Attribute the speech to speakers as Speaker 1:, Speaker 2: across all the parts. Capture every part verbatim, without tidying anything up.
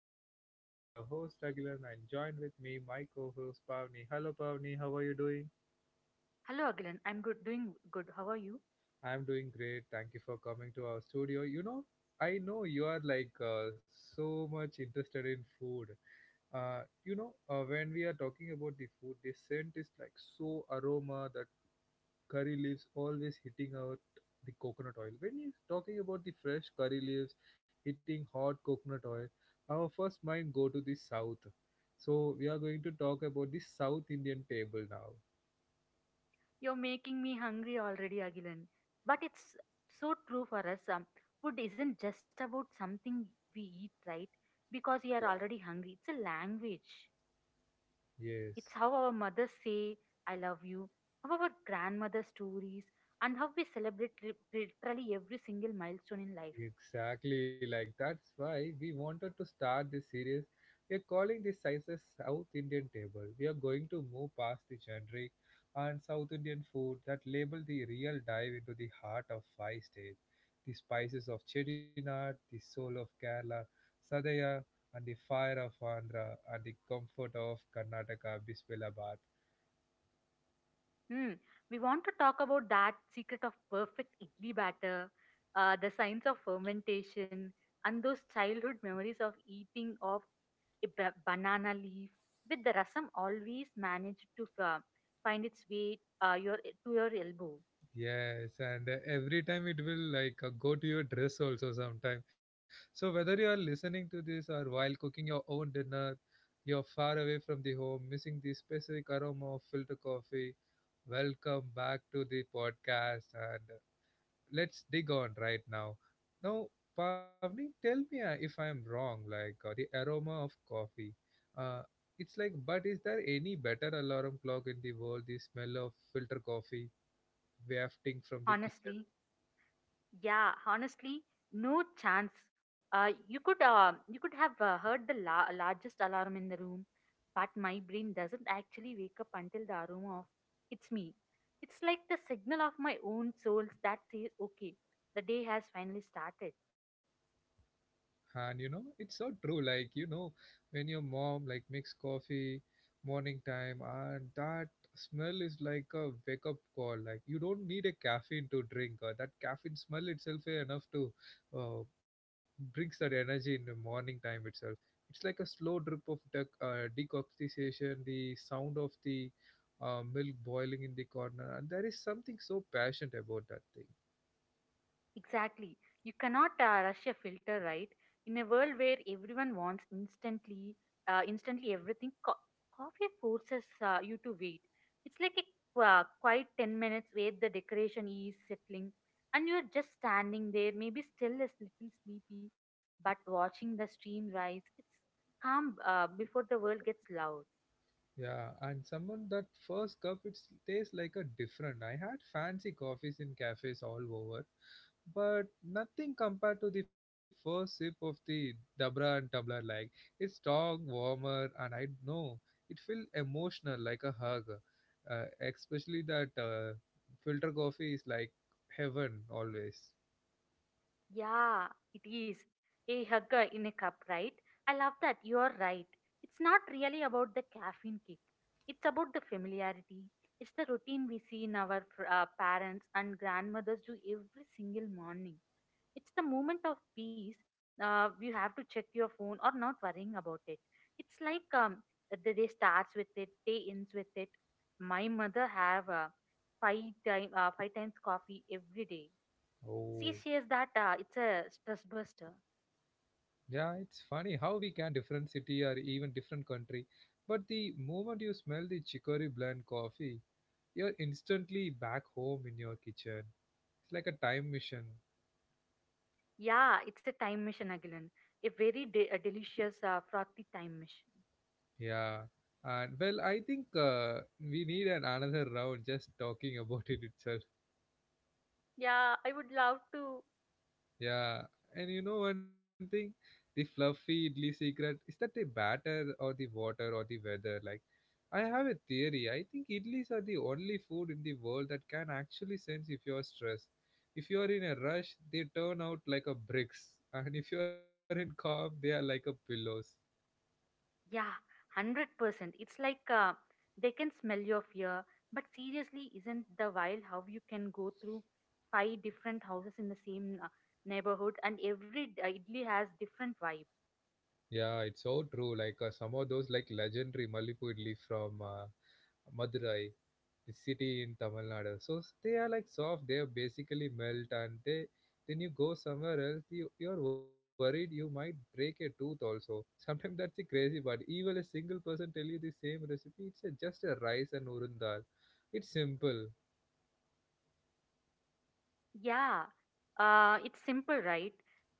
Speaker 1: podcast. This is your host Agilan and joined with me my co-host Pavni. Hello Pavni, how are you doing?
Speaker 2: Hello, Agilan. I'm good, doing good. How are you?
Speaker 1: I'm doing great. Thank you for coming to our studio. You know, I know you are like uh, so much interested in food. Uh, you know, uh, when we are talking about the food, the scent is like so aroma that curry leaves always hitting out the coconut oil. When he's talking about the fresh curry leaves hitting hot coconut oil, our first mind go to the south. So we are going to talk about the South Indian table now.
Speaker 2: You're making me hungry already, Agilan. But it's so true for us. Um, food isn't just about something we eat, right? Because we are
Speaker 1: Yeah.
Speaker 2: already hungry. It's a language. It's
Speaker 1: Yes.
Speaker 2: how our mothers say, I love you, how our grandmother stories, and how we celebrate li- literally every single milestone in life.
Speaker 1: Exactly, like that's why we wanted to start this series. We are calling this Sizes South Indian Table. We are going to move past the generic and South Indian food that label the real dive into the heart of five states, the spices of Chettinad, the soul of Kerala, Sadaya, and the fire of Andhra, and the comfort of Karnataka Bismilabad.
Speaker 2: Hmm. We want to talk about that secret of perfect idli batter, uh, the science of fermentation, and those childhood memories of eating of a ba- banana leaf. With the rasam, always managed to f- find its way uh, your to your elbow.
Speaker 1: Yes, and uh, every time it will like uh, go to your dress also sometime. So whether you are listening to this or while cooking your own dinner, you're far away from the home, missing the specific aroma of filter coffee. Welcome back to the podcast, and uh, let's dig on right now. Now, Pavni, tell me uh, if I'm wrong. Like uh, the aroma of coffee, uh, it's like, but is there any better alarm clock in the world? The smell of filter coffee wafting from the kitchen.
Speaker 2: Honestly, yeah, honestly, no chance. Uh, you could uh, you could have uh, heard the la- largest alarm in the room, but my brain doesn't actually wake up until the aroma of it's me. It's like the signal of my own souls that says, "Okay, the day has finally started."
Speaker 1: And you know it's so true, like, you know, when your mom like makes coffee morning time and that smell is like a wake up call. Like, you don't need a caffeine to drink. Uh, that caffeine smell itself is enough to uh, brings that energy in the morning time itself. It's like a slow drip of dec- uh, decoction, the sound of the uh, milk boiling in the corner, and there is something so passionate about that thing.
Speaker 2: Exactly. You cannot uh, rush a filter, right? In a world where everyone wants instantly, uh, instantly everything, co- coffee forces uh, you to wait. It's like a qu- uh, quiet ten minutes where the decoration is settling and you're just standing there, maybe still a little sleepy, but watching the stream rise. It's calm uh, before the world gets loud.
Speaker 1: Yeah, and someone that first cup it tastes like a different. I had fancy coffees in cafes all over, but nothing compared to the first sip of the Dabra and tumbler. Like, it's strong, warmer, and I know it feel emotional like a hug. Uh, especially that uh, filter coffee is like heaven always.
Speaker 2: Yeah, it is. A hugger in a cup, right? I love that. You are right. It's not really about the caffeine kick. It's about the familiarity. It's the routine we see in our fr- uh, parents and grandmothers do every single morning. It's the moment of peace. Uh, you have to check your phone or not worrying about it. It's like um, the day starts with it, day ends with it. My mother have uh, five time uh, five times coffee every day. See,
Speaker 1: Oh.
Speaker 2: she is that uh, it's a stress buster.
Speaker 1: Yeah, it's funny how we can different city or even different country, but the moment you smell the chicory blend coffee, you're instantly back home in your kitchen. It's like a time mission.
Speaker 2: Yeah, it's a time machine again. A very de- a delicious, uh, frothy time machine.
Speaker 1: Yeah. And well, I think uh, we need an another round just talking about it itself.
Speaker 2: Yeah, I would love to.
Speaker 1: Yeah, and you know one thing, the fluffy idli secret is that the batter or the water or the weather. Like, I have a theory. I think idlis are the only food in the world that can actually sense if you're stressed. If you are in a rush, they turn out like a bricks, and if you are in calm, they are like a pillows.
Speaker 2: Yeah, one hundred percent. It's like uh, they can smell your fear, but seriously, isn't the wild how you can go through five different houses in the same uh, neighborhood and every uh, idli has different vibe?
Speaker 1: Yeah, it's so true. Like, uh, some of those like legendary Malipu idli from uh, Madurai, the city in Tamil Nadu. So s- they are like soft, they are basically melt, and they then you go somewhere else, you, you're worried you might break a tooth also. Sometimes that's the crazy part. Even a single person tell you the same recipe, it's a, just a rice and urundal. It's simple.
Speaker 2: Yeah, uh, it's simple, right?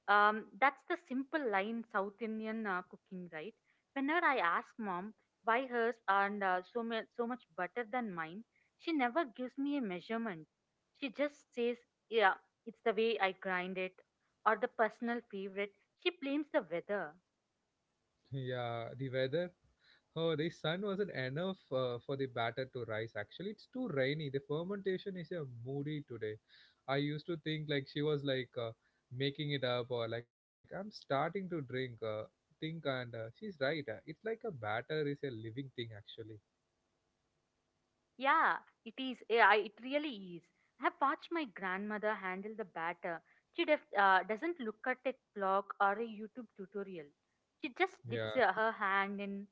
Speaker 2: Um, that's the simple line South Indian uh, cooking, right? Whenever I ask mom why hers aren't uh, so, mu- so much better than mine, she never gives me a measurement. She just says, yeah, it's the way I grind it or the personal favorite. She blames the weather.
Speaker 1: Yeah, the weather. Oh, the sun wasn't enough uh, for the batter to rise. Actually, it's too rainy. The fermentation is a moody today. I used to think like she was like uh, making it up, or like I'm starting to drink. Uh, think and uh, she's right. Uh, it's like a batter is a living thing actually.
Speaker 2: Yeah, it is. eh, I it really is. I have watched my grandmother handle the batter. She def, uh, doesn't look at a clock or a YouTube tutorial. She
Speaker 1: Yeah.
Speaker 2: just dips her her hand in,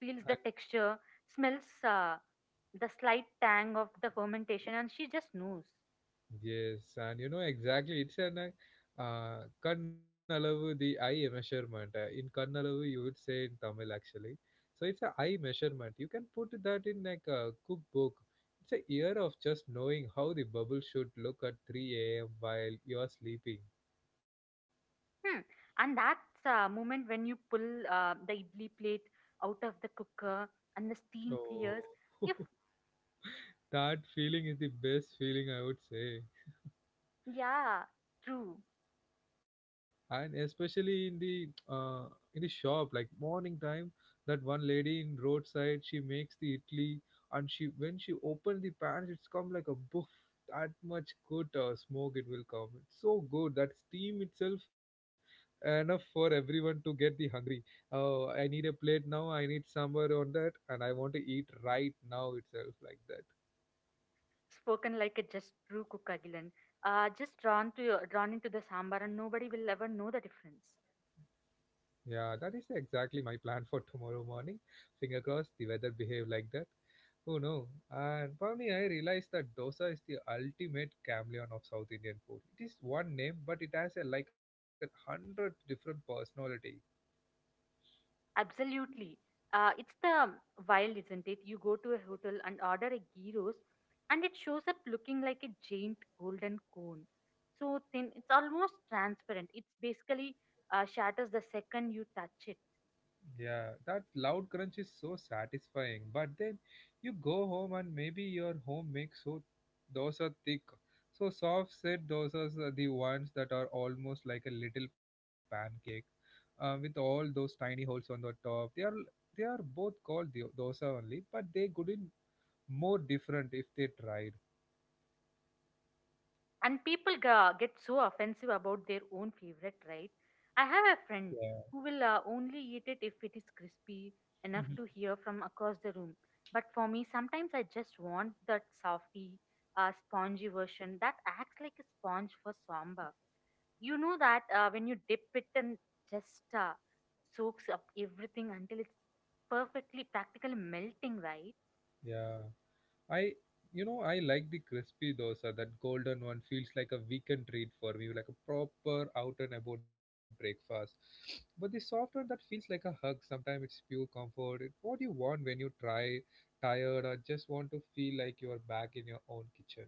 Speaker 2: feels the texture, smells uh, the slight tang of the fermentation, and she just knows.
Speaker 1: Yes, and you know exactly. It's an uh, uh, Kannalavu, the eye measurement. Uh, in Kannalavu, you would say in Tamil actually. So it's a eye measurement. You can put that in like a cookbook. It's a year of just knowing how the bubble should look at three a m while you're sleeping.
Speaker 2: Hmm. And that's a moment when you pull uh, the idli plate out of the cooker and the steam clears.
Speaker 1: Oh,
Speaker 2: If
Speaker 1: that feeling is the best feeling I would say.
Speaker 2: Yeah, true.
Speaker 1: And especially in the uh, in the shop like morning time, that one lady in roadside, she makes the idli, and she, when she opened the pan, it's come like a boof. That much good uh, smoke it will come. It's so good that steam itself enough for everyone to get the hungry. Oh, I need a plate now, I need sambar on that, and I want to eat right now itself, like that.
Speaker 2: Spoken like a just true Kukagilan. Uh, just drawn to your, drawn into the sambar, and nobody will ever know the difference.
Speaker 1: Yeah, that is exactly my plan for tomorrow morning. Finger crossed the weather behave like that. Oh no. And Pavni, I realized that dosa is the ultimate chameleon of South Indian food. It is one name, but it has a, like a hundred different personality.
Speaker 2: Absolutely. Uh, it's the wild, isn't it? You go to a hotel and order a ghee roast, and it shows up looking like a giant golden cone. So thin, it's almost transparent. It's basically uh, shatters the second you touch it.
Speaker 1: Yeah, that loud crunch is so satisfying. But then you go home and maybe your home makes so dosa thick. So soft set dosas are the ones that are almost like a little pancake, uh, with all those tiny holes on the top. They are they are both called do- dosa only, but they couldn't more different if they tried.
Speaker 2: And people ga- get so offensive about their own favorite, right? I have a
Speaker 1: Yeah,
Speaker 2: friend who will uh, only eat it if it is crispy enough to hear from across the room, but for me sometimes I just want that softy uh, spongy version that acts like a sponge for samba. You know that uh, when you dip it and just uh, soaks up everything until it's perfectly practically melting, right?
Speaker 1: yeah. I, you know, I like the crispy dosa. That golden one feels like a weekend treat for me, like a proper out and about breakfast. But the soft one that feels like a hug. Sometimes it's pure comfort. It's what you want when you try tired or just want to feel like you are back in your own kitchen.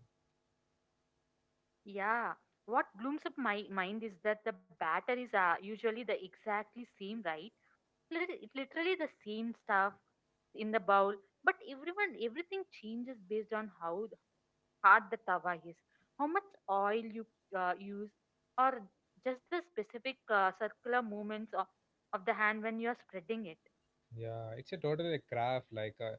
Speaker 2: Yeah, what blooms up my mind is that the batter is uh, usually the exactly same, right? Lit- it Literally the same stuff in the bowl, but everyone everything changes based on how th- hard the tawa is, how much oil you uh, use, or just the specific uh, circular movements of, of the hand when you are spreading it.
Speaker 1: Yeah, it's a totally craft. Like uh,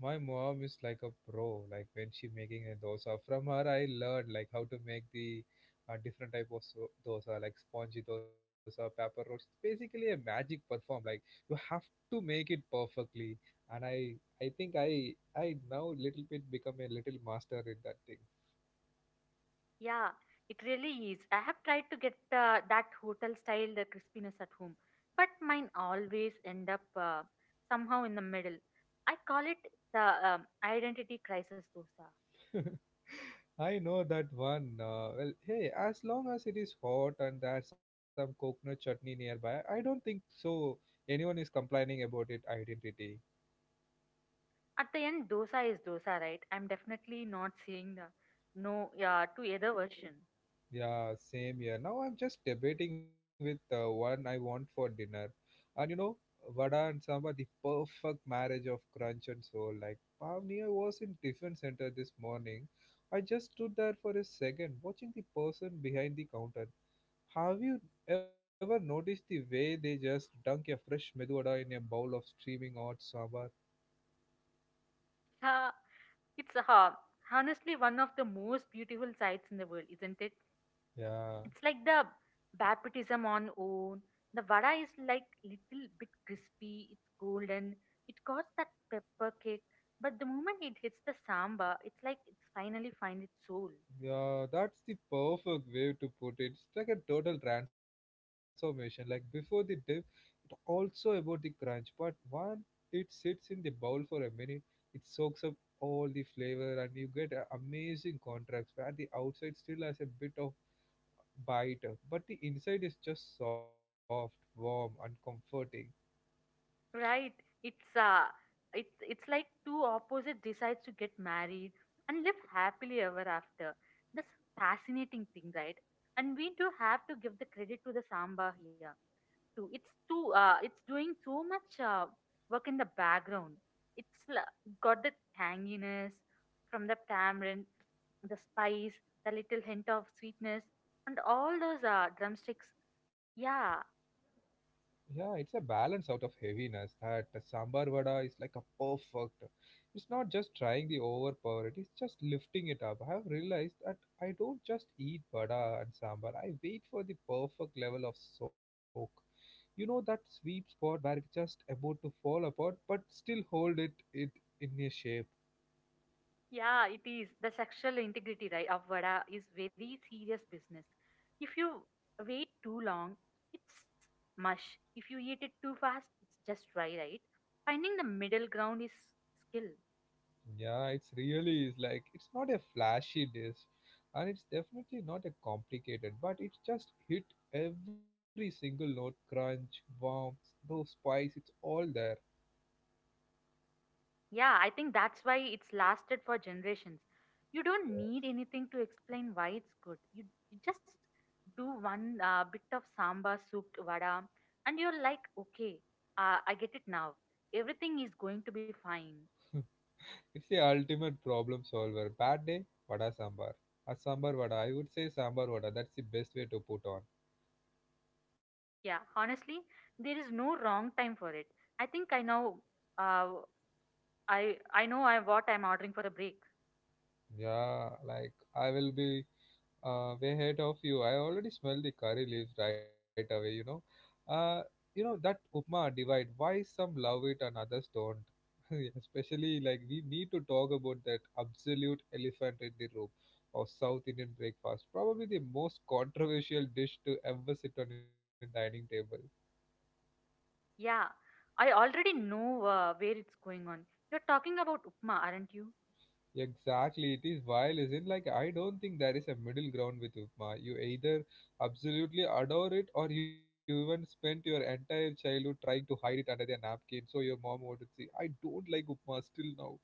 Speaker 1: my mom is like a pro. Like when she making a dosa, from her I learned like how to make the uh, different type of so- dosa, like spongy dosa, pepper rolls. It's basically a magic perform. Like, you have to make it perfectly, and I I think I I now little bit become a little master in that thing.
Speaker 2: Yeah, it really is. I have tried to get uh, that hotel style the crispiness at home, but mine always end up uh, somehow in the middle. I call it the um, identity crisis dosa.
Speaker 1: I know that one. Uh, well, hey, as long as it is hot and there's some coconut chutney nearby, I don't think so. Anyone is complaining about it identity.
Speaker 2: At the end, dosa is dosa, right? I'm definitely not saying the no yeah, to either version.
Speaker 1: Yeah, same here. Now I'm just debating with uh, one I want for dinner. And you know, vada and sambar, the perfect marriage of crunch and soul. Like, Pavni, I was in tiffin center this morning. I just stood there for a second, watching the person behind the counter. Have you ever noticed the way they just dunk a fresh medu vada in a bowl of steaming hot sambar?
Speaker 2: Yeah, it's uh, honestly one of the most beautiful sights in the world, isn't it?
Speaker 1: Yeah,
Speaker 2: It's like the baptism on own. The vada is like little bit crispy, it's golden, it got that pepper kick, but the moment it hits the samba, it's like it's finally find its soul.
Speaker 1: yeah, that's the perfect way to put it. It's like a total transformation. Like, before the dip, it's also about the crunch, but when it sits in the bowl for a minute, it soaks up all the flavor and you get a amazing contrast where the outside still has a bit of bite, but the inside is just soft, warm, and comforting.
Speaker 2: Right? It's uh it's it's like two opposite decides to get married and live happily ever after. That's fascinating thing, right? And we do have to give the credit to the samba here too. It's too. Uh, it's doing so much uh, work in the background. It's la- got the tanginess from the tamarind, the spice, the little hint of sweetness, and all those uh, drumsticks. Yeah,
Speaker 1: Yeah, it's a balance out of heaviness that sambar vada is like a perfect. It's not just trying the overpower, it is just lifting it up. I have realized that I don't just eat vada and sambar, I wait for the perfect level of soak. You know that sweet spot where it's just about to fall apart but still hold it, it in a shape.
Speaker 2: yeah, it is. The sexual integrity right of vada is very serious business. If you wait too long, it's mush. If you eat it too fast, it's just dry, right? Finding the middle ground is skill.
Speaker 1: Yeah, it's really is like it's not a flashy dish, and it's definitely not a complicated, but it's just hit every single note crunch, warmth, those spice, it's all there.
Speaker 2: Yeah, I think that's why it's lasted for generations. You don't need anything to explain why it's good. You, you just do one uh, bit of sambar soup vada, and you're like, okay, uh, I get it now. Everything is going to be fine.
Speaker 1: It's the ultimate problem solver. Bad day, vada sambar. A sambar vada, I would say sambar vada. That's the best way to put on.
Speaker 2: Yeah, honestly, there is no wrong time for it. I think I know. Uh, I I know I, what I'm ordering for a break.
Speaker 1: Yeah, like I will be uh, way ahead of you. I already smell the curry leaves right away, you know. Uh, you know, that upma divide, why some love it and others don't? Especially, like, we need to talk about that absolute elephant in the room of South Indian breakfast. Probably the most controversial dish to ever sit on a dining table.
Speaker 2: Yeah, I already know uh, where it's going on. You're talking about upma, aren't you?
Speaker 1: Exactly, it is vile, isn't like I don't think there is a middle ground with Upma. You either absolutely adore it, or you even spent your entire childhood trying to hide it under the napkin so your mom would not see. I don't like Upma still now.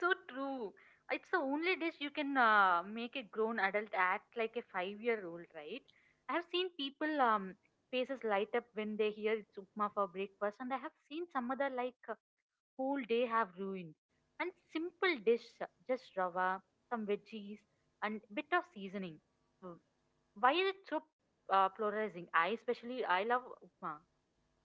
Speaker 2: So true. It's the only dish you can uh, make a grown adult act like a five year old, right? I have seen people um, faces light up when they hear it's upma for breakfast, and I have seen some other like uh, whole day have ruined. And simple dish, uh, just rava, some veggies, and bit of seasoning. Mm. Why is it so uh, polarizing? I especially I love upma.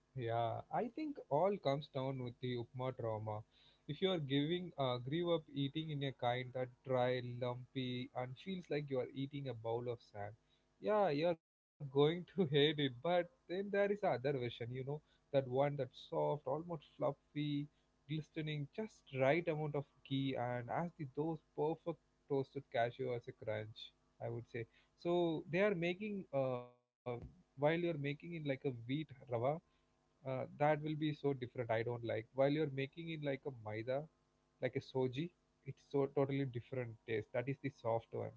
Speaker 1: Yeah, I think all comes down with the upma trauma. If you are giving, uh, grew up eating in a kind that dry, lumpy, and feels like you are eating a bowl of sand, yeah, you are going to hate it. But then there is another version, you know, that one that's soft, almost fluffy, glistening, just right amount of ghee, and as the those perfect toasted cashew as a crunch, I would say. So they are making, uh, while you are making it like a wheat rava uh, that will be so different. I don't like while you're making it like a maida, like a soji. It's so totally different taste. That is the soft one.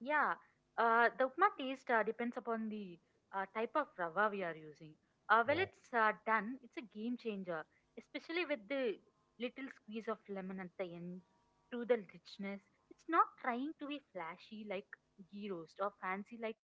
Speaker 2: Yeah, uh, the upma taste uh, depends upon the uh, type of rava we are using. Uh,
Speaker 1: Yeah,
Speaker 2: well, it's uh, done. It's a game changer, especially with the little squeeze of lemon at the end to the richness. It's not trying to be flashy like ghee roast or fancy like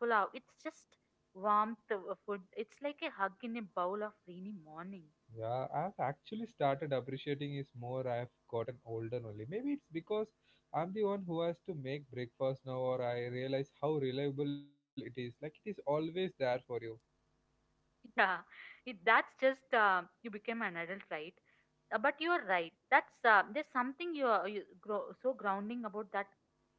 Speaker 2: pulao. It's just warmth of food. It's like a hug in a bowl of rainy morning.
Speaker 1: yeah, I've actually started appreciating is more I've gotten older. Only maybe it's because I'm the one who has to make breakfast now, or I realize how reliable it is. Like it is always there for you.
Speaker 2: Yeah, it, that's just uh, you became an adult, right? Uh, but you are right. That's uh, there's something you are you grow, so grounding about that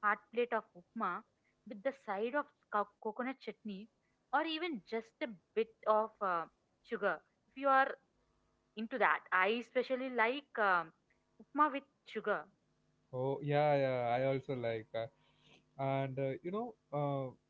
Speaker 2: hot plate of upma with the side of co- coconut chutney, or even just a bit of uh, sugar. If you are into that, I especially like um, upma with sugar.
Speaker 1: Oh yeah, yeah, I also like uh, and uh, you know uh,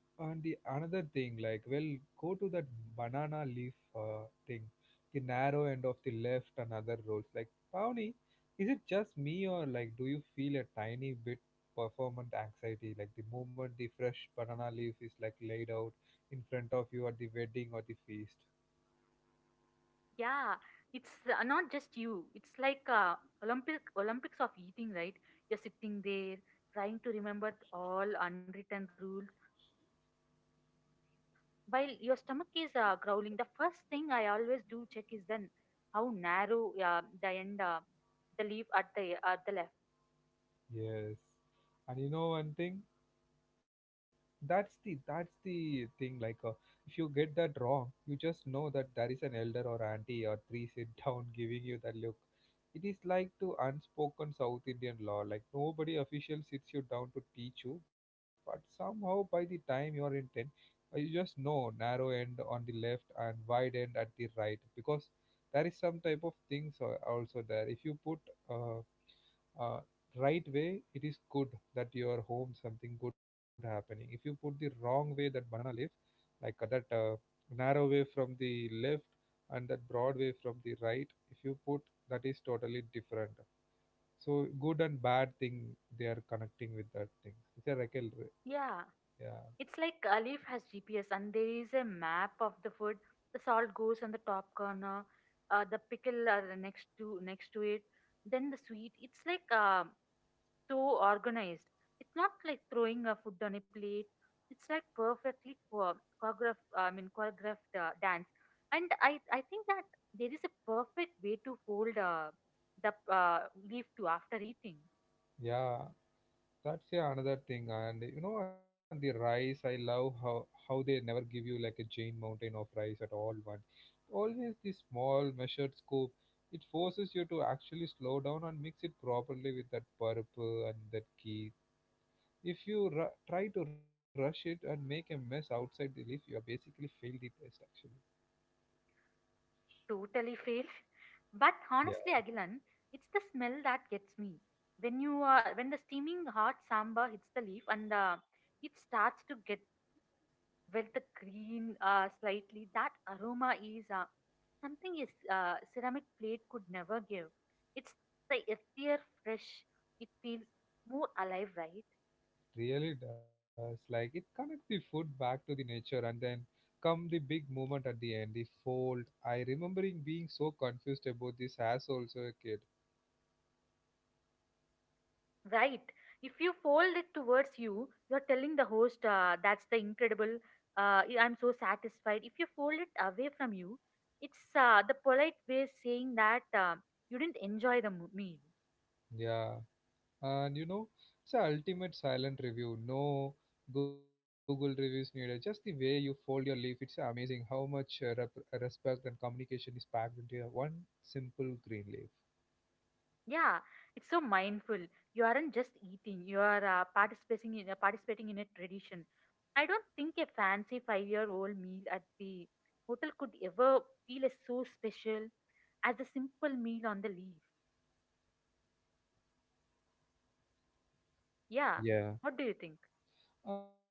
Speaker 1: and the another thing, like, well, go to that banana leaf uh, thing, the narrow end of the left and other rows. Like, Pawni, is it just me or like, do you feel a tiny bit performant anxiety? Like the moment the fresh banana leaf is like laid out in front of you at the wedding or the feast.
Speaker 2: Yeah, it's uh, not just you. It's like uh, Olympic Olympics of eating, right? You're sitting there trying to remember th- all unwritten rules. While your stomach is uh, growling, the first thing I always do check is then how narrow uh, the end, uh, the leaf at the at the left.
Speaker 1: Yes. And you know one thing? that's the that's the thing like uh, if you get that wrong, you just know that there is an elder or auntie or three sit down giving you that look. It is like to unspoken South Indian law. Like nobody official sits you down to teach you, but somehow by the time you are in ten uh, you just know narrow end on the left and wide end at the right. Because there is some type of things al- also there. If you put uh, uh, right way, it is good, that your home something good happening. If you put the wrong way that banana leaf, like uh, that uh, narrow way from the left and that broad way from the right, if you put, that is totally different. So good and bad thing, they are connecting with that thing. It's a recal,
Speaker 2: Yeah,
Speaker 1: yeah,
Speaker 2: it's like a leaf has G P S and there is a map of the food. The salt goes on the top corner, uh, the pickle are next to next to it. Then the sweet. It's like uh, so organized. It's not like throwing a food on a plate. It's like perfectly cho- choreographed. I mean, choreographed uh, dance. And I, I think that there is a perfect way to fold uh, the uh, leaf to after eating.
Speaker 1: yeah. That's yeah another thing. And you know, and the rice, I love how how they never give you like a giant mountain of rice at all once. Always the small measured scoop. It forces you to actually slow down and mix it properly with that purple and that ghee. If you ru- try to rush it and make a mess outside the leaf, you have basically failed the test actually.
Speaker 2: Totally fail. But honestly, Agilan, it's the smell that gets me. When you uh, when the steaming hot sambar hits the leaf and uh, it starts to get with the green uh, slightly that aroma is uh, something is uh, ceramic plate could never give. It's the earthier fresh. It feels more alive, right?
Speaker 1: Really does. Like it connects the food back to the nature, and then come the big moment at the end, the fold. I remembering being so confused about this as also a kid.
Speaker 2: Right, if you fold it towards you you're telling the host uh, that's the incredible uh, yeah, I'm so satisfied. If you fold it away from you it's uh, the polite way saying that uh, you didn't enjoy the mo- meal.
Speaker 1: Yeah. And you know, it's a ultimate silent review. No Google reviews needed. Just the way you fold your leaf, it's amazing how much uh, rep- respect and communication is packed into a one simple green leaf.
Speaker 2: Yeah, it's so mindful. You aren't just eating; you are uh, participating in uh, participating in a tradition. I don't think a fancy five-year-old meal at the hotel could ever feel as so special as the simple meal on the leaf. Yeah, what do you
Speaker 1: Yeah.
Speaker 2: think?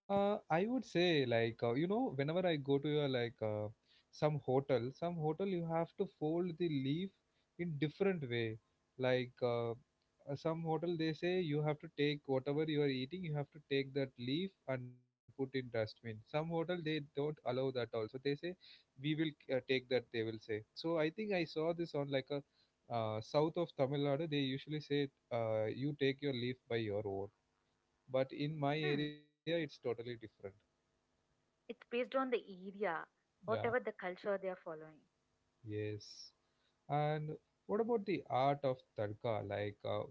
Speaker 1: Uh, I would say like uh, you know whenever I go to your like uh, some hotel, some hotel you have to fold the leaf in different way. Like uh, uh, some hotel they say you have to take whatever you are eating, you have to take that leaf and put in dustbin. Some hotel they don't allow that also. They say we will uh, take that. They will say. So I think I saw this on like a uh, south of Tamil Nadu. They usually say uh, you take your leaf by your own. But in my
Speaker 2: Hmm,
Speaker 1: area, it's totally different.
Speaker 2: it's based on the area,
Speaker 1: Yeah,
Speaker 2: whatever the culture they are following.
Speaker 1: yes. And what about the art of tadka? Like, uh,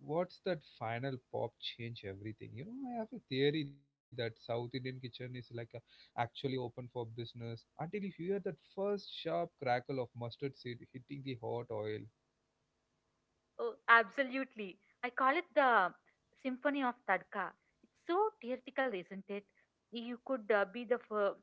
Speaker 1: what's that final pop change everything? You know, I have a theory that South Indian kitchen is like a, actually open for business until you hear that first sharp crackle of mustard seed hitting the hot oil.
Speaker 2: Oh, absolutely. I call it the Symphony of Tadka. It's so theatrical, isn't it? You could uh, be the fur-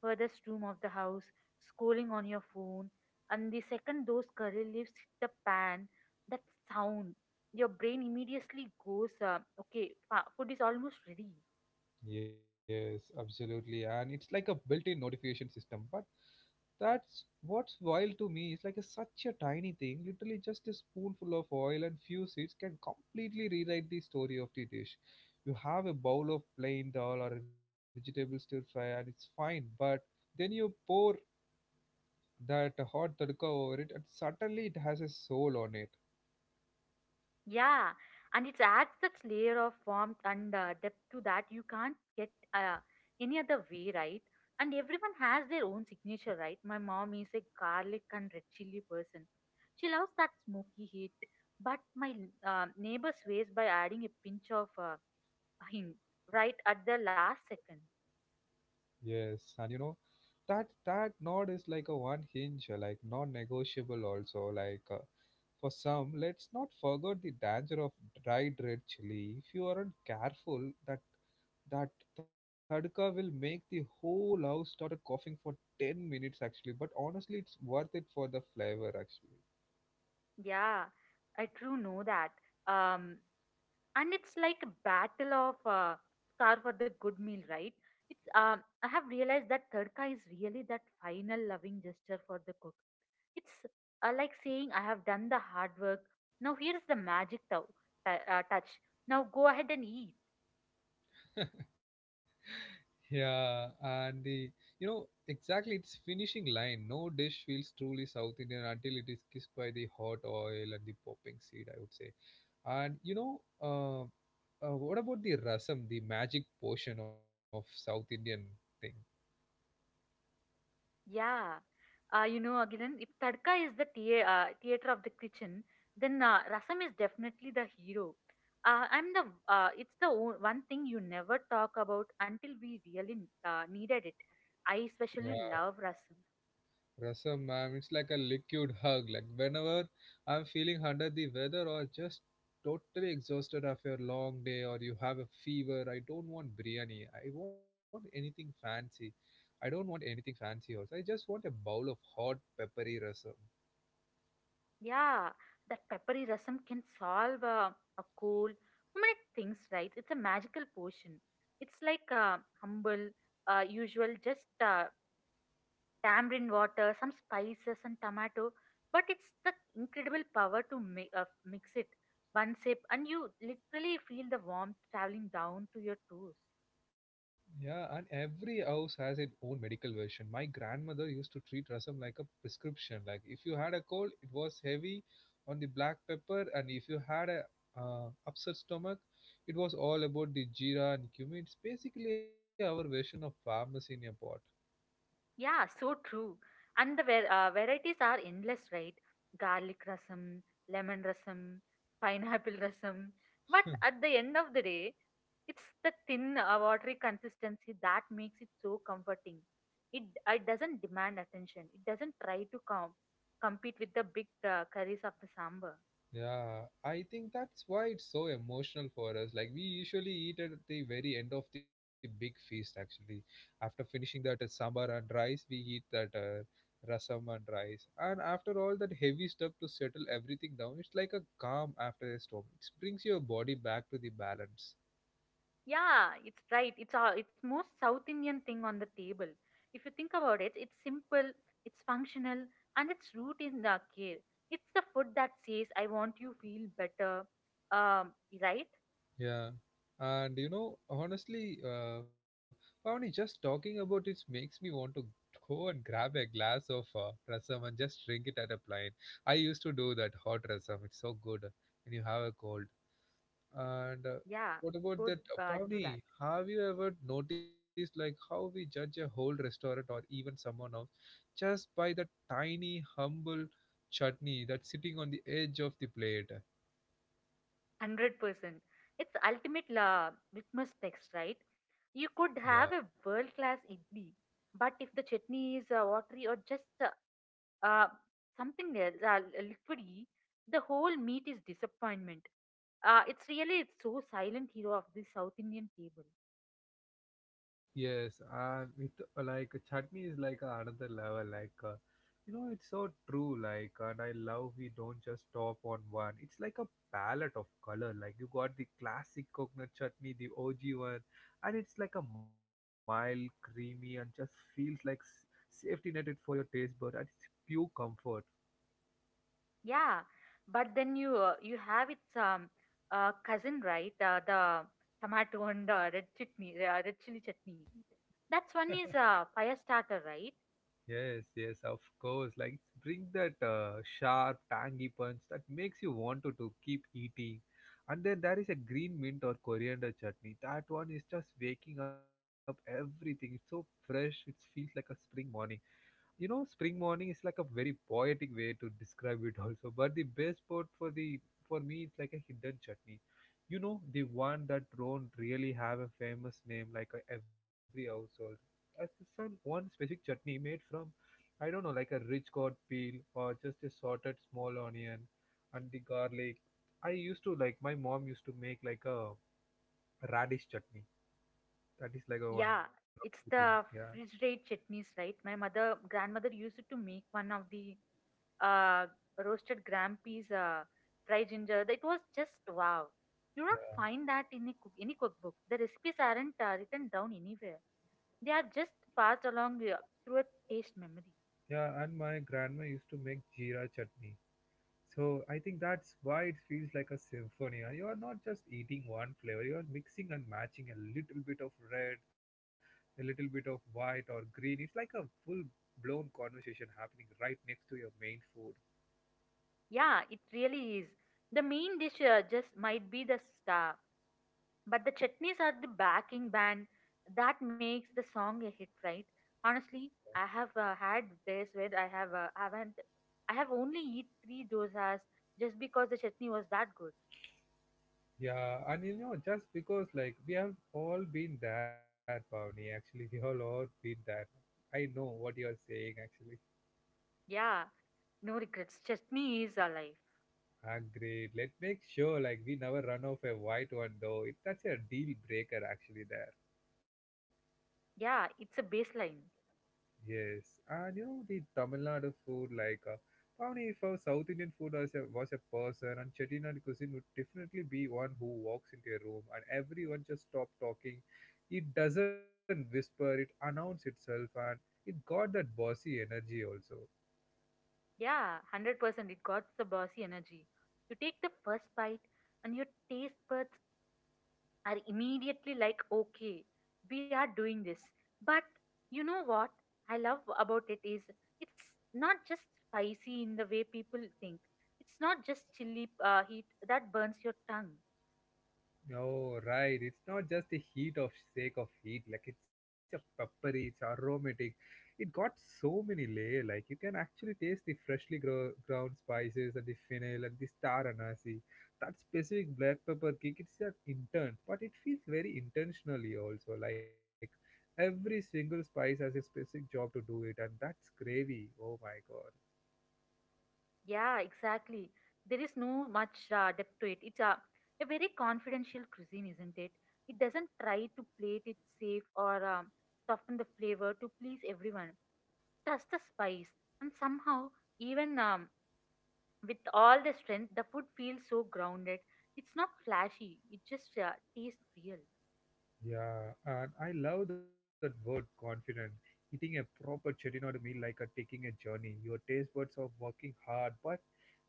Speaker 2: furthest room of the house, scrolling on your phone, and the second those curry leaves hit the pan, that sound, your brain immediately goes, uh, okay, fa- food is almost ready.
Speaker 1: Yes, absolutely. And it's like a built-in notification system. But that's what's wild to me. It's like a, such a tiny thing. Literally just a spoonful of oil and few seeds can completely rewrite the story of the dish. You have a bowl of plain dal or a vegetable stir fry and it's fine, but then you pour that hot tadka over it and suddenly it has a soul on it.
Speaker 2: Yeah, and it adds that layer of warmth and uh, depth to that you can't get uh, any other way, right? And everyone has their own signature, right? My mom is a garlic and red chili person. She loves that smoky heat, but my uh, neighbor sways by adding a pinch of uh, hing right at the last second.
Speaker 1: Yes, and you know, that that nod is like a one hinge uh, like non-negotiable also, like uh, for some. Let's not forget the danger of dried red chili. If you aren't careful, that that tadka will make the whole house started coughing for ten minutes actually, but honestly it's worth it for the flavor actually.
Speaker 2: Yeah, I do know that. Um, and it's like a battle of uh, car for the good meal, right? It's um, i have realized that tadka is really that final loving gesture for the cook. It's uh, like saying I have done the hard work, now here's the magic tou- t- uh, touch. Now go ahead and eat.
Speaker 1: Yeah, and the, you know, exactly its finishing line. No dish feels truly South Indian until it is kissed by the hot oil and the popping seed. I would say. And you know, uh, uh, what about the rasam, the magic portion of South Indian thing?
Speaker 2: Yeah. Uh, you know, Agilan, if tadka is the thea- uh, theater of the kitchen, then uh, rasam is definitely the hero. Uh, I'm the. Uh, it's the o- one thing you never talk about until we really uh, needed it. I
Speaker 1: Yeah,
Speaker 2: especially love rasam.
Speaker 1: rasam, man, it's like a liquid hug. Like whenever I'm feeling under the weather, or just totally exhausted after a long day, or you have a fever, I don't want biryani. I want anything fancy. I don't want anything fancy also. I just want a bowl of hot peppery rasam.
Speaker 2: Yeah, that peppery rasam can solve uh, a cold, so many things, right? It's a magical potion. It's like uh, humble, uh, usual, just uh, tamarind water, some spices and tomato. But it's the incredible power to mi- uh, mix it. One sip, and you literally feel the warmth traveling down to your toes.
Speaker 1: Yeah, and every house has its own medical version. My grandmother used to treat rasam like a prescription. Like if you had a cold, it was heavy on the black pepper, and if you had a uh, upset stomach, it was all about the jeera and cumin. It's basically our version of pharmacy in a pot.
Speaker 2: Yeah, so true. And the var- uh, varieties are endless, right? Garlic rasam, lemon rasam, pineapple rasam. But at the end of the day, it's the thin, uh, watery consistency that makes it so comforting. It, uh, it doesn't demand attention. It doesn't try to com- compete with the big uh, curries of the sambar.
Speaker 1: Yeah, I think that's why it's so emotional for us. Like we usually eat at the very end of the big feast. Actually, after finishing that uh, sambar and rice, we eat that uh, rasam and rice. And after all that heavy stuff to settle everything down, it's like a calm after a storm. It brings your body back to the balance.
Speaker 2: Yeah, it's right. It's all it's most South Indian thing on the table. If you think about it, it's simple, it's functional, and its root is the care. It's the food that says, "I want you feel better." Um, right?
Speaker 1: Yeah. And you know, honestly, uh, Pavani, just talking about it makes me want to go and grab a glass of uh, rasam and just drink it at a plane. I used to do that hot rasam. It's so good when you have a cold. And uh,
Speaker 2: Yeah,
Speaker 1: what about
Speaker 2: go
Speaker 1: that, uh,
Speaker 2: uh, do that.
Speaker 1: Pavani? Have you ever noticed like how we judge a whole restaurant or even someone else just by that tiny, humble chutney that's sitting on the edge of the plate?
Speaker 2: Hundred percent. It's ultimate la litmus text, right? You
Speaker 1: Yeah.
Speaker 2: could have a world class idli, but if the chutney is uh, watery or just uh, Uh, something else, uh, liquidy, the whole meat is disappointment. Uh, it's really it's so silent hero of the South Indian table.
Speaker 1: Yes, and with like chutney is like another level. Like, uh, you know, it's so true. Like, and I love we don't just stop on one. It's like a palette of color. Like you got the classic coconut chutney, the O G one, and it's like a mild, creamy, and just feels like s- safety netted for your taste bud. And it's pure comfort.
Speaker 2: Yeah, but then you uh, you have its um uh, cousin, right, uh, the tomato and uh, red chutney, uh, red chili chutney. That's one is uh, fire starter, right?
Speaker 1: Yes, yes, of course. Like it's bring that uh, sharp, tangy punch that makes you want to, to keep eating. And then there is a green mint or coriander chutney. That one is just waking up everything. It's so fresh. It feels like a spring morning. You know, spring morning is like a very poetic way to describe it also. But the best part for the for me, it's like a hidden chutney. You know, the one that don't really have a famous name, like uh, every household as some one specific chutney made from, I don't know, like a rich gourd peel or just a sorted small onion and the garlic. I used to like my mom used to make like a radish chutney. That is like a
Speaker 2: Yeah,
Speaker 1: wonderful thing.
Speaker 2: it's
Speaker 1: Yeah,
Speaker 2: the refrigerated chutneys, right? My mother grandmother used to make one of the uh, roasted gram peas, uh, dry ginger. It was just wow. You don't
Speaker 1: yeah,
Speaker 2: find that in a cook, any cookbook. The recipes aren't uh, written down anywhere. They are just passed along uh, through a taste memory.
Speaker 1: yeah, and my grandma used to make jeera chutney. So I think that's why it feels like a symphony. And you are not just eating one flavor; you are mixing and matching a little bit of red, a little bit of white or green. It's like a full-blown conversation happening right next to your main food.
Speaker 2: Yeah, it really is. The main dish uh, just might be the star, but the chutneys are the backing band that makes the song a hit, right? Honestly, I have uh, had days where I have uh, haven't I have only eat three dosas just because the chutney was that good.
Speaker 1: Yeah, and you know, just because like we have all been there, Pavni. Actually, we all all been there. I know what you are saying. Actually,
Speaker 2: Yeah, no regrets. Chutney is alive.
Speaker 1: agreed. Let's make sure like we never run off a white one though. It, that's a deal breaker actually there.
Speaker 2: Yeah, it's a baseline.
Speaker 1: Yes, and you know the Tamil Nadu food, like uh, Pavni, if a South Indian food as a, was a person, and Chettinad cuisine would definitely be one who walks into a room and everyone just stop talking. It doesn't whisper, it announce itself, and it got that bossy energy also.
Speaker 2: Yeah, one hundred percent it got the bossy energy. You take the first bite, and your taste buds are immediately like, okay, we are doing this. But you know what I love about it is it's not just spicy in the way people think, it's not just chili uh, heat that burns your tongue.
Speaker 1: Oh, right. It's not just a heat of sake of heat. Like it's a peppery, it's aromatic. It got so many layer. Like you can actually taste the freshly grow, ground spices and the fennel and the star anise. That specific black pepper kick, it's an intent, but it feels very intentionally also. Like every single spice has a specific job to do it, and that's gravy. Oh my God.
Speaker 2: Yeah, exactly. There is no much uh, depth to it. It's a, a very confidential cuisine, isn't it? It doesn't try to plate it safe or um, soften the flavor to please everyone. Just the spice, and somehow, even um, with all the strength, the food feels so grounded. It's not flashy. It just uh, tastes real.
Speaker 1: Yeah, and I love that word confident. Eating a proper chettinad meal like a taking a journey. Your taste buds are working hard, but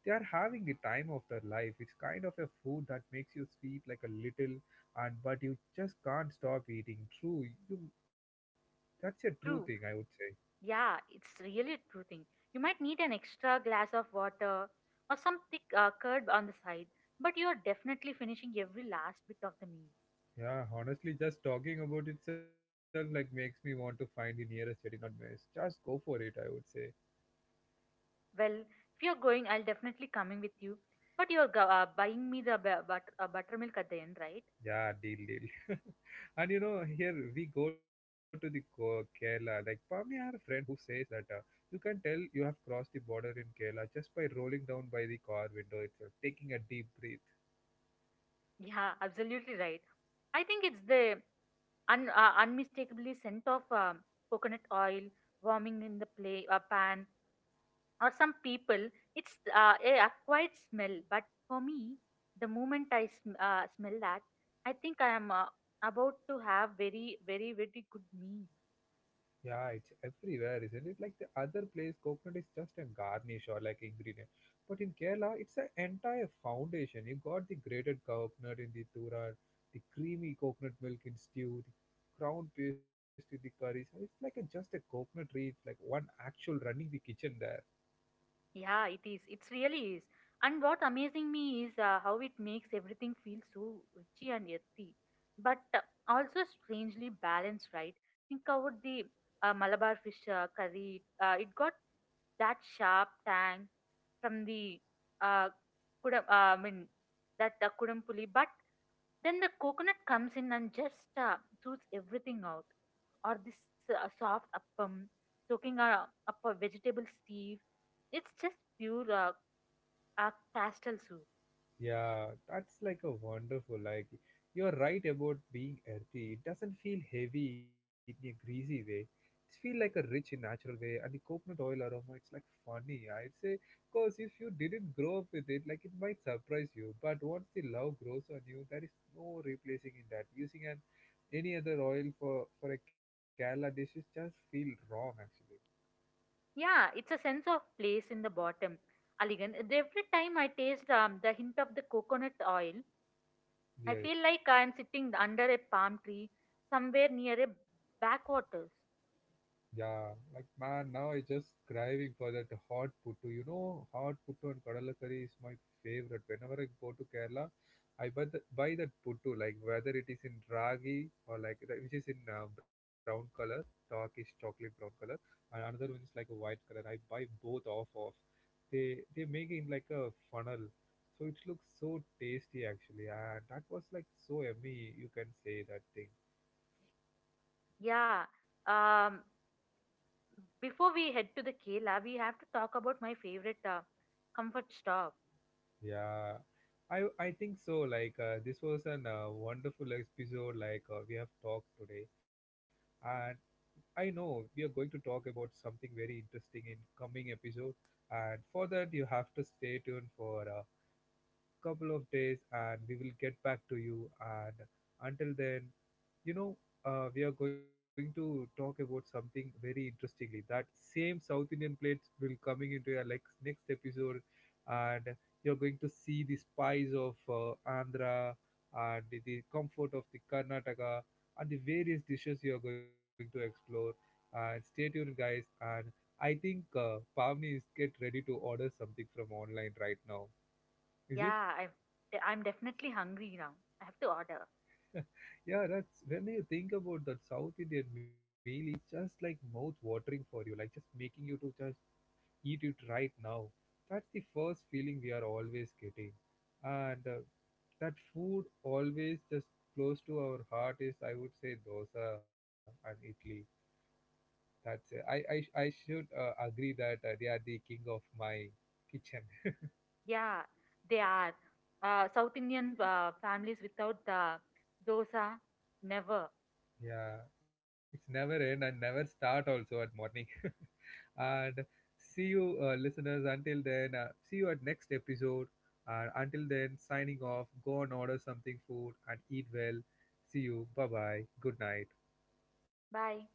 Speaker 1: they are having the time of their life. It's kind of a food that makes you sweet like a little, and but you just can't stop eating. True, you that's a true thing I would
Speaker 2: True.
Speaker 1: say.
Speaker 2: Yeah, it's really a true thing. You might need an extra glass of water or some thick uh, curd on the side, but you are definitely finishing every last bit of the meal.
Speaker 1: Yeah, honestly, just talking about itself like makes me want to find the nearest chettinad mess. Just go for it, I would say.
Speaker 2: Well, if you're going, I'll definitely coming with you. But you're go- uh, buying me the bu- but- uh, buttermilk at the end, right?
Speaker 1: Yeah, deal, deal. And you know, here we go to the Ko- Kerala. Like, probably I have a friend who says that uh, you can tell you have crossed the border in Kerala just by rolling down by the car window itself, taking a deep breath.
Speaker 2: Yeah, absolutely right. I think it's the un- uh, unmistakably scent of um, coconut oil warming in the play- uh, pan, or some people it's uh, a a smell, but for me, the moment I sm- uh, smell that, I think I am uh, about to have very very very good meal.
Speaker 1: Yeah, it's everywhere, isn't it? Like the other place, coconut is just a garnish or like ingredient. But in Kerala, it's an entire foundation. You got the grated coconut in the thuran, the creamy coconut milk in stew, the crown paste with the curry. So it's like a, just a coconut tree. It's like one actual running the kitchen there.
Speaker 2: Yeah, it is. It really is. And what amazing me is uh, how it makes everything feel so witchy and earthy, but uh, also strangely balanced, right? Think about the uh, Malabar fish uh, curry. Uh, it got that sharp tang from the uh, kudam, uh, I mean that uh, kudampuli, but then the coconut comes in and just uh, shoots everything out. Or this uh, soft appam, soaking uh, up a vegetable stew. It's just pure uh, uh, castle soup.
Speaker 1: Yeah, that's like a wonderful. Like you're right about being earthy. It doesn't feel heavy in a greasy way. It feels like a rich in natural way. And the coconut oil aroma, it's like funny. I'd say because if you didn't grow up with it, like it might surprise you. But once the love grows on you, there is no replacing in that. Using an any other oil for for a Kerala dish is just feel wrong actually.
Speaker 2: Yeah, it's a sense of place in the bottom. Aligan, every time I taste um, the hint of the coconut oil, I
Speaker 1: Yes.
Speaker 2: feel like I'm sitting under a palm tree somewhere near a backwaters.
Speaker 1: Yeah, like man, now I just craving for that hot puttu. You know, hot puttu and kadalakari is my favorite. Whenever I go to Kerala, I buy the buy that puttu, like whether it is in ragi or like that, which is in uh, brown color, darkish chocolate brown color, and another one is like a white color. I buy both off of. They they make it in like a funnel, so it looks so tasty actually, and that was like so yummy. You can say that thing.
Speaker 2: Yeah, um, before we head to the Kela, we have to talk about my favorite uh, comfort stop.
Speaker 1: Yeah, I I think so. Like uh, this was an uh, wonderful episode. Like uh, we have talked today, and I know we are going to talk about something very interesting in coming episode. And for that, you have to stay tuned for uh, couple of days and we will get back to you. And until then, you know, uh, we are going to talk about something very interestingly. That same South Indian plates will coming into your like next episode, and you're going to see the spice of uh, Andhra and the, the comfort of the Karnataka and the various dishes you are going to explore. And stay tuned, guys. And I think uh, Pavni is get ready to order something from online right now. Is it?
Speaker 2: Yeah, I'm I'm definitely hungry now. I have to order.
Speaker 1: Yeah, that's when you think about that South Indian meal, it's just like mouth watering for you, like just making you to just eat it right now. That's the first feeling we are always getting. And uh, that food always just close to our heart is, I would say, dosa and idli. That's it. I, I, I should uh, agree that uh, they are the king of my kitchen.
Speaker 2: Yeah, they are uh, South Indian uh, families without the dosa. Never.
Speaker 1: Yeah, it's never end and never start also at morning. And see you, uh, listeners. Until then, uh, see you at next episode. And until then, signing off. Go and order something food and eat well. See you. Bye bye. Good night.
Speaker 2: Bye.